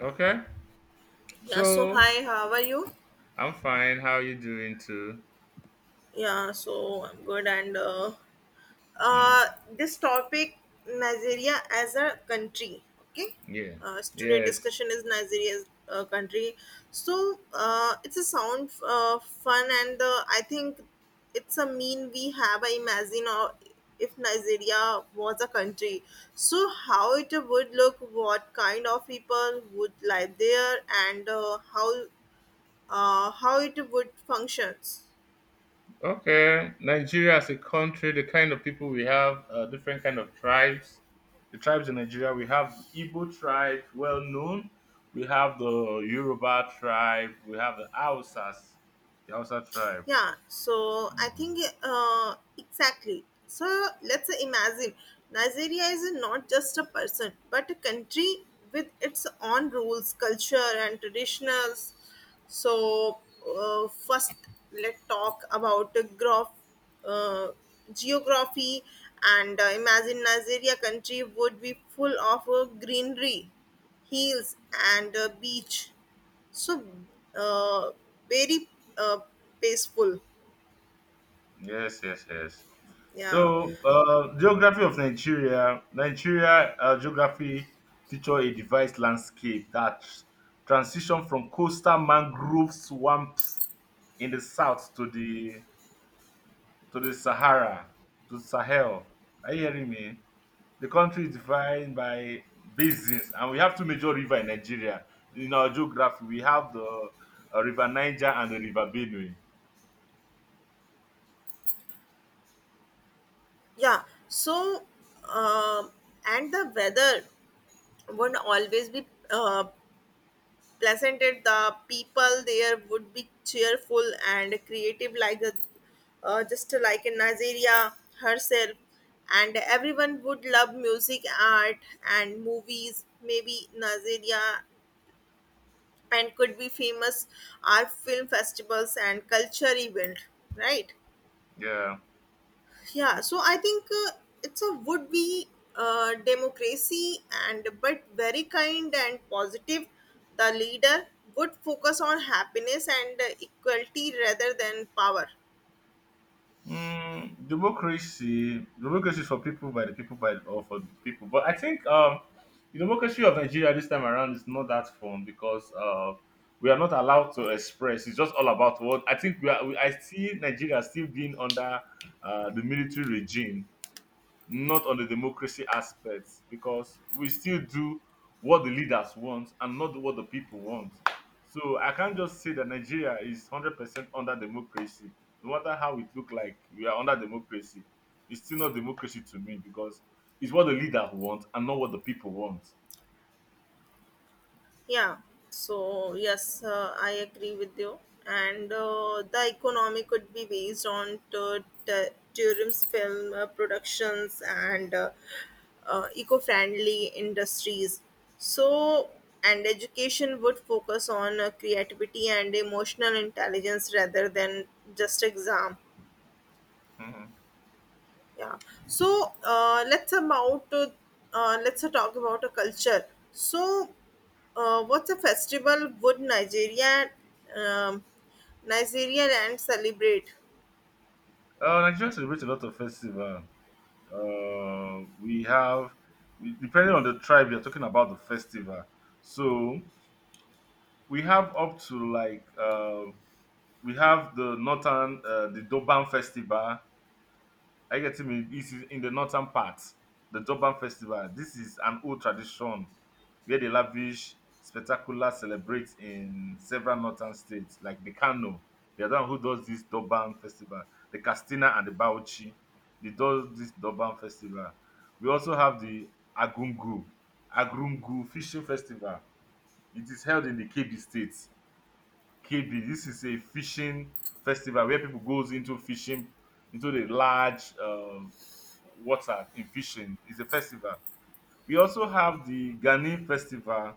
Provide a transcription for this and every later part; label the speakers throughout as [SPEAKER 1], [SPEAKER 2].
[SPEAKER 1] Okay.
[SPEAKER 2] Yeah, so
[SPEAKER 1] So
[SPEAKER 2] hi, how are you?
[SPEAKER 1] I'm fine. How you doing too?
[SPEAKER 2] Yeah, so I'm good. And
[SPEAKER 1] Mm,
[SPEAKER 2] uh, this topic, Nigeria as a country, okay?
[SPEAKER 1] yeah.
[SPEAKER 2] So today
[SPEAKER 1] Yes.
[SPEAKER 2] discussion is Nigeria as a country. So it's a sound fun, and I think it's a mean we have. I imagine if Nigeria was a country, so how it would look, what kind of people would live there, and how it would functions.
[SPEAKER 1] Okay. Nigeria as a country, the kind of people we have, different kind of tribes. The tribes in Nigeria, we have the Igbo tribe, well known. We have the Yoruba tribe. We have the Hausas, the Hausa tribe.
[SPEAKER 2] yeah so i
[SPEAKER 1] Mm.
[SPEAKER 2] think uh, exactly, so let's imagine Nigeria is not just a person but a country with its own rules, culture and traditions. So first, let's talk about the graph uh, geography. And imagine Nigeria country would be full of greenery, hills and beach. So uh, very uh, peaceful.
[SPEAKER 1] Yes, yes, yes.
[SPEAKER 2] Yeah.
[SPEAKER 1] So, geography of Nigeria. Nigeria geography feature a devised landscape that transition from coastal mangrove swamps in the south to the Sahara to Sahel. Are you hearing me? The country is defined by basins, and we have two major rivers in Nigeria. In our geography, we have the River Niger and the River Benue.
[SPEAKER 2] Yeah so um and the weather would always be uh, pleasant, and the people there would be cheerful and creative, like a, just like in Nigeria herself. And everyone would love music, art and movies. Maybe Nigeria and could be famous art film festivals and culture event, right?
[SPEAKER 1] Yeah.
[SPEAKER 2] Yeah, so I think it's a would be democracy and but very kind and positive. The leader would focus on happiness and equality rather than power.
[SPEAKER 1] Mm, democracy, democracy is for people by the people by or for the people. But I think the democracy of Nigeria this time around is not that fun because we are not allowed to express. It's just all about what I think we are. We, I see Nigeria still being under the military regime, not on the democracy aspects because we still do what the leaders want and not what the people want. So I can't just say that Nigeria is 100% under democracy. No matter how it look like, we are under democracy. It's still not democracy to me because it's what the leader wants and not what the people want.
[SPEAKER 2] Yeah, so yes, I agree with you. And the economy could be based on tourism's film productions and eco friendly industries. So, and education would focus on creativity and emotional intelligence rather than just exam.
[SPEAKER 1] Mhm.
[SPEAKER 2] Yeah so uh, let's about to uh, let's talk about a culture. So what's a festival would Nigeria um, Nigeria and celebrate?
[SPEAKER 1] Nigeria celebrates a lot of festival. Uh, we have, Depending on the tribe, you're talking about the festival. So we have up to like we have the northern the Doban festival. I get me. This is in the northern part. The Doban festival. This is an old tradition where the lavish spectacular celebrates in several northern states like the Kano. The other one who does this Doban festival, the Castina and the Bauchi, they do this Doban festival. We also have the Agungu, Agungu fishing festival. It is held in the KB state. KB, this is a fishing festival where people goes into fishing into the large water in fishing. It's a festival. We also have the Ghanaian festival.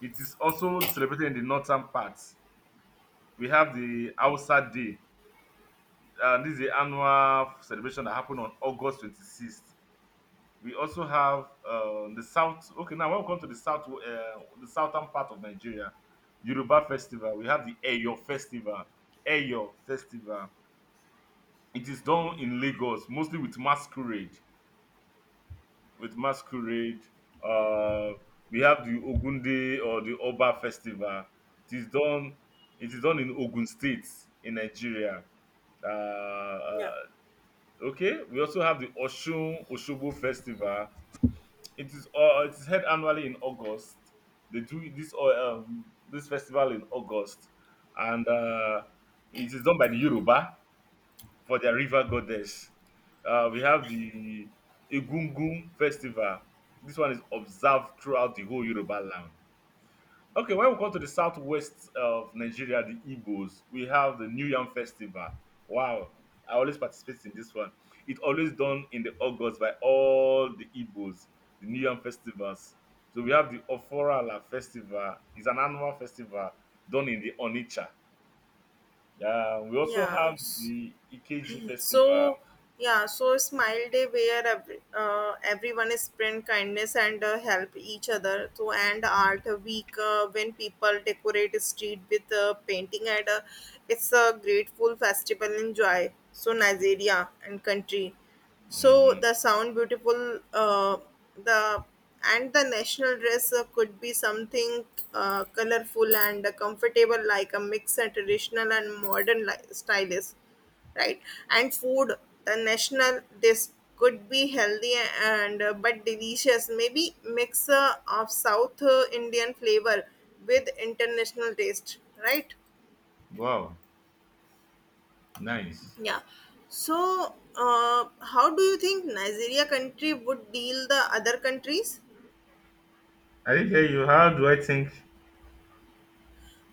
[SPEAKER 1] It is also celebrated in the northern part. We have the Hausa Day. This is the annual celebration that happened on August 26th. We also have the south. Okay, now when we come to the south, the southern part of Nigeria, Yoruba festival. We have the Eyo festival. Eyo Festival, it is done in Lagos, mostly with masquerade. With masquerade, uh, we have the Ogunde or the Oba Festival. It is done. It is done in Ogun State in Nigeria. Uh, uh,
[SPEAKER 2] Yeah.
[SPEAKER 1] okay, we also have the Oshun Oshobo Festival. It is held annually in August. They do this this festival in August, and it is done by the Yoruba for their river goddess. We have the Egungun festival. This one is observed throughout the whole Yoruba land. Okay, when we come to the southwest of Nigeria, the Igbos, we have the New Yam Festival. Wow, I always participate in this one. It always done in the August by all the Igbos, the New Yam Festivals. So we have the Oforala Festival. It's an annual festival done in the Onitsha. Yeah, we also
[SPEAKER 2] yeah
[SPEAKER 1] have the Ikeji Festival.
[SPEAKER 2] so yeah so smile day where every, everyone is spread kindness and help each other. So and art week when people decorate street with painting and it's a grateful festival in joy. So Nigeria and country, so
[SPEAKER 1] Hmm.
[SPEAKER 2] the sound beautiful. The And the national dress could be something colorful and comfortable, like a mix of traditional and modern stylist, right? And food, the national this could be healthy and but delicious, maybe mixer of south Indian flavor with international taste, right?
[SPEAKER 1] Wow, nice.
[SPEAKER 2] Yeah so uh, how do you think Nigeria country would deal the other countries?
[SPEAKER 1] I did hear you. How do I think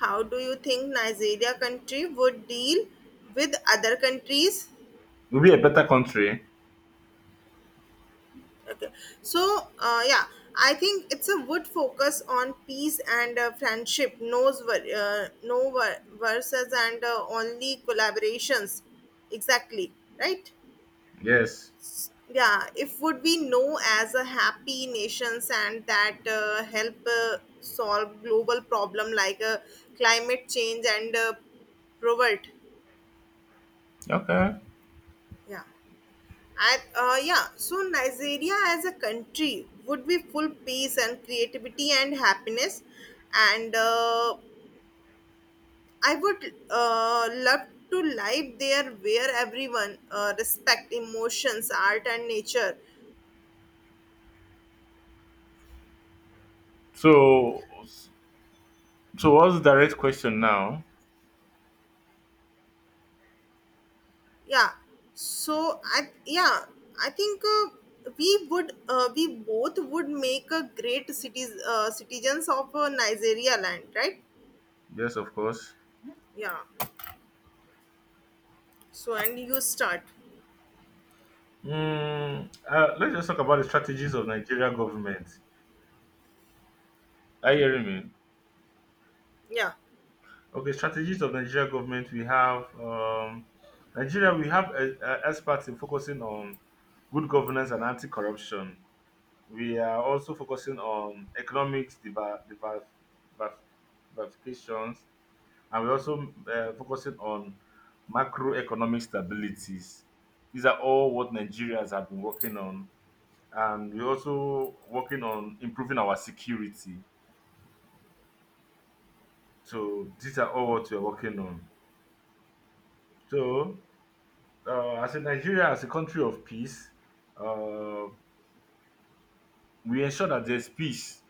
[SPEAKER 2] How do you think Nigeria country would deal with other countries?
[SPEAKER 1] we'll be a better country?
[SPEAKER 2] So, yeah, I think it's a would focus on peace and friendship, knows no verses and only collaborations. Exactly, right?
[SPEAKER 1] Yes.
[SPEAKER 2] Yeah, if would be know as a happy nations and that help solve global problem like climate change and poverty.
[SPEAKER 1] Okay.
[SPEAKER 2] Yeah. And yeah, so Nigeria as a country would be full peace and creativity and happiness. And I would love to live there where everyone respect emotions, art, and nature.
[SPEAKER 1] So, so what's the direct question now?
[SPEAKER 2] Yeah. So I think we would we both would make a great cities citizens of Nigeria land, right?
[SPEAKER 1] Yes, of course.
[SPEAKER 2] Yeah. So and you start.
[SPEAKER 1] Mm, let's just talk about the strategies of Nigeria government. Are you hearing me?
[SPEAKER 2] Yeah.
[SPEAKER 1] Okay, strategies of Nigeria government. We have Nigeria. We have experts in focusing on good governance and anti-corruption. We are also focusing on economics diver, diversifications, and we're also focusing on macroeconomic stabilities. These are all what Nigerians have been working on, and we're also working on improving our security. So these are all what we're working on. So as a Nigeria, as a country of peace, uh, we ensure that there's peace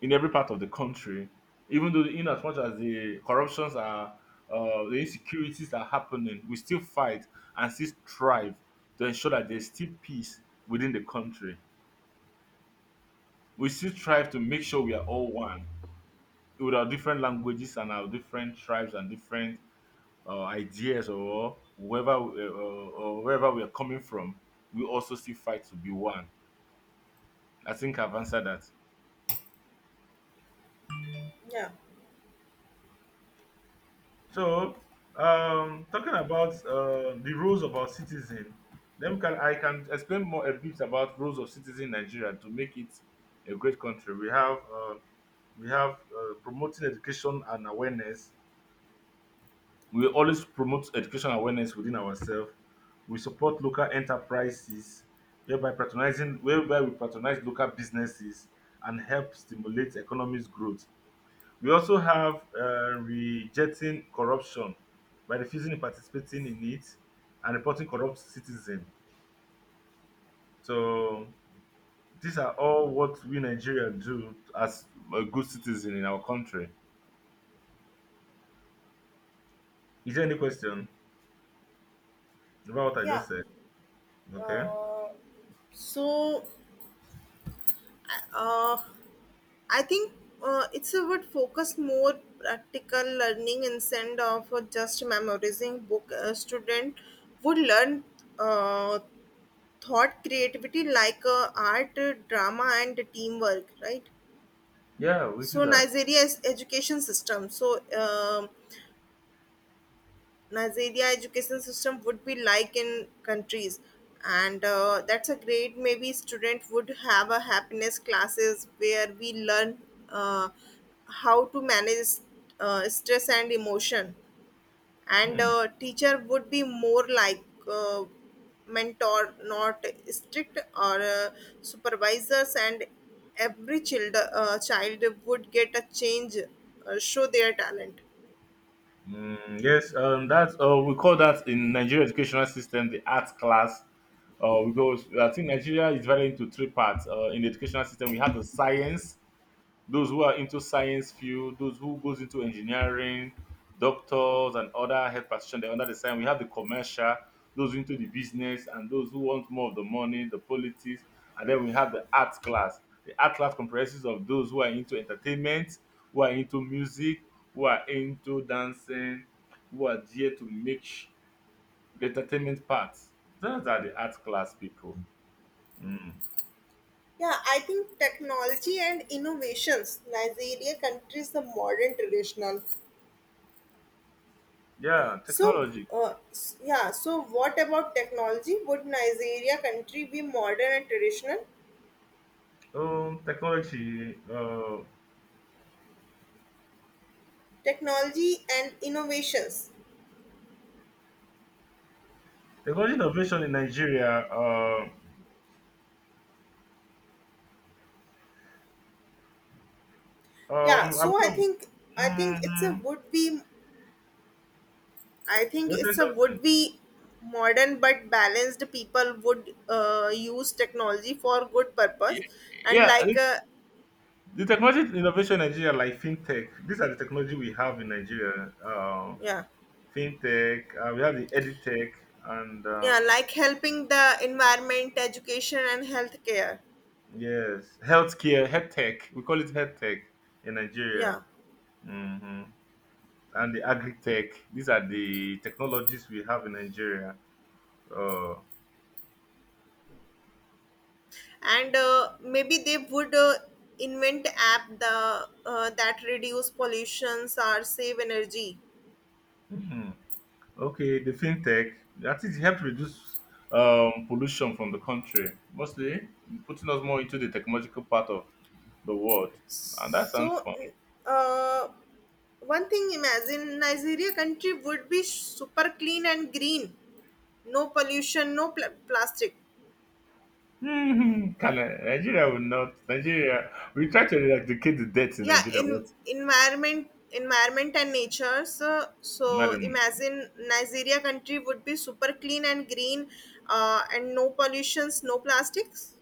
[SPEAKER 1] in every part of the country, even though in as much as the corruptions are the insecurities are happening, we still fight and still strive to ensure that there's still peace within the country. We still strive to make sure we are all one with our different languages and our different tribes and different ideas or whoever or wherever we are coming from. We also still fight to be one. I think I've answered that.
[SPEAKER 2] Yeah.
[SPEAKER 1] So, talking about the roles of our citizen, then can I can explain more a bit about roles of citizen in Nigeria to make it a great country. We have promoting education and awareness. We always promote education awareness within ourselves. We support local enterprises, whereby we patronize local businesses and help stimulate economic growth. We also have rejecting corruption by refusing to participating in it and reporting corrupt citizen. So these are all what we Nigeria do as a good citizen in our country. Is there any question about what I
[SPEAKER 2] Yeah.
[SPEAKER 1] just said? Okay.
[SPEAKER 2] Uh, so uh, I think it's a would focus more practical learning instead of just memorizing book. A student would learn uh, thought creativity like art, drama, and teamwork, right?
[SPEAKER 1] Yeah, we do
[SPEAKER 2] So
[SPEAKER 1] that.
[SPEAKER 2] Nigeria's education system. So. Nigeria education system would be like in countries and that's a great. Maybe student would have a happiness classes where we learn uh, how to manage stress and emotion, and
[SPEAKER 1] Mm.
[SPEAKER 2] teacher would be more like uh, mentor, not strict or supervisors. And every child would get a change show their talent.
[SPEAKER 1] Mm, yes, that's we call that in Nigeria educational system the art class. Because I think Nigeria is divided into three parts. In the educational system, we have the science, those who are into science field, those who goes into engineering, doctors and other health practitioners they're under the sign. We have the commercial, those into the business, and those who want more of the money, the politics, and then we have the arts class. The art class comprises of those who are into entertainment, who are into music, who are into dancing, who are there to make the entertainment part. Those are the art class people. Mm.
[SPEAKER 2] Yeah, I think technology and innovations, Nigeria country is the modern traditional.
[SPEAKER 1] Yeah,
[SPEAKER 2] So,
[SPEAKER 1] technology.
[SPEAKER 2] yeah. So, what about technology? Would Nigeria country be modern and traditional?
[SPEAKER 1] Technology.
[SPEAKER 2] Technology and innovations.
[SPEAKER 1] Technology innovation in Nigeria,
[SPEAKER 2] Yeah.
[SPEAKER 1] I've come,
[SPEAKER 2] I think it's a
[SPEAKER 1] mm,
[SPEAKER 2] would be. I think
[SPEAKER 1] you say
[SPEAKER 2] it's a
[SPEAKER 1] something.
[SPEAKER 2] would be modern but balanced. People would use technology for good purpose
[SPEAKER 1] Ye-
[SPEAKER 2] and
[SPEAKER 1] Yeah,
[SPEAKER 2] like
[SPEAKER 1] the technology innovation in Nigeria, like fintech, these are the technology we have in Nigeria.
[SPEAKER 2] yeah.
[SPEAKER 1] Fintech, we have the editech, and
[SPEAKER 2] Yeah, like helping the environment, education and healthcare.
[SPEAKER 1] yes, healthcare, health tech. We call it health tech in Nigeria.
[SPEAKER 2] Yeah.
[SPEAKER 1] Hmm. And the agri tech. These are the technologies we have in Nigeria. Uh,
[SPEAKER 2] And maybe they would invent app the that reduce pollutions or save energy.
[SPEAKER 1] mhm. Okay, the fintech that is helped reduce pollution from the country, mostly putting us more into the technological part of the world, and that sounds
[SPEAKER 2] So
[SPEAKER 1] fun.
[SPEAKER 2] uh, one thing, imagine Nigeria country would be super clean and green, no pollution, no plastic.
[SPEAKER 1] Hmm, Nigeria will not. Nigeria, we try to eradicate the debt in
[SPEAKER 2] Yeah.
[SPEAKER 1] Nigeria,
[SPEAKER 2] in
[SPEAKER 1] but
[SPEAKER 2] environment environment and nature. So, so
[SPEAKER 1] madam,
[SPEAKER 2] imagine Nigeria country would be super clean and green, and no pollutions, no plastics.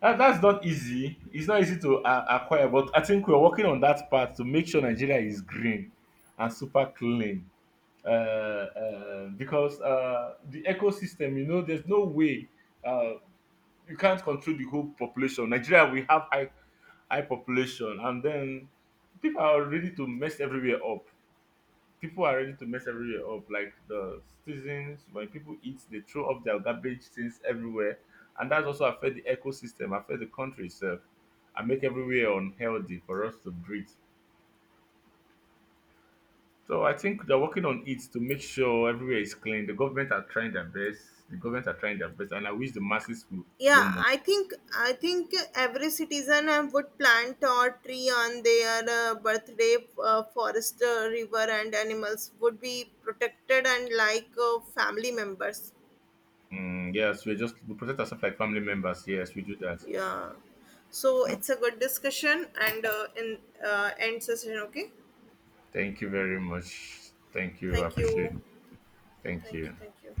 [SPEAKER 1] that's not easy. It's not easy to acquire, but I think we're working on that part to make sure Nigeria is green and super clean. Because the ecosystem, you know, there's no way. uh, you can't control the whole population. Nigeria, we have high population, and then people are ready to mess everywhere up. People are ready to mess everywhere up. Like the citizens, when people eat, they throw up their garbage things everywhere, and that's also affect the ecosystem, affect the country itself, and make everywhere unhealthy for us to breathe. So I think they're working on it to make sure everywhere is clean. The government are trying their best. The government are trying their best, and I wish the masses will do
[SPEAKER 2] yeah
[SPEAKER 1] more.
[SPEAKER 2] i think i think every citizen would plant or tree on their birthday. Forest, river and animals would be protected and like family members.
[SPEAKER 1] Mm, yes, we protect ourselves like family members. Yes, we do that.
[SPEAKER 2] Yeah, so
[SPEAKER 1] Mm.
[SPEAKER 2] it's a good discussion and in end session, okay?
[SPEAKER 1] Thank you very much. Thank you. I
[SPEAKER 2] Thank
[SPEAKER 1] appreciate
[SPEAKER 2] you.
[SPEAKER 1] it. Thank
[SPEAKER 2] Thank you.
[SPEAKER 1] you.
[SPEAKER 2] Thank you.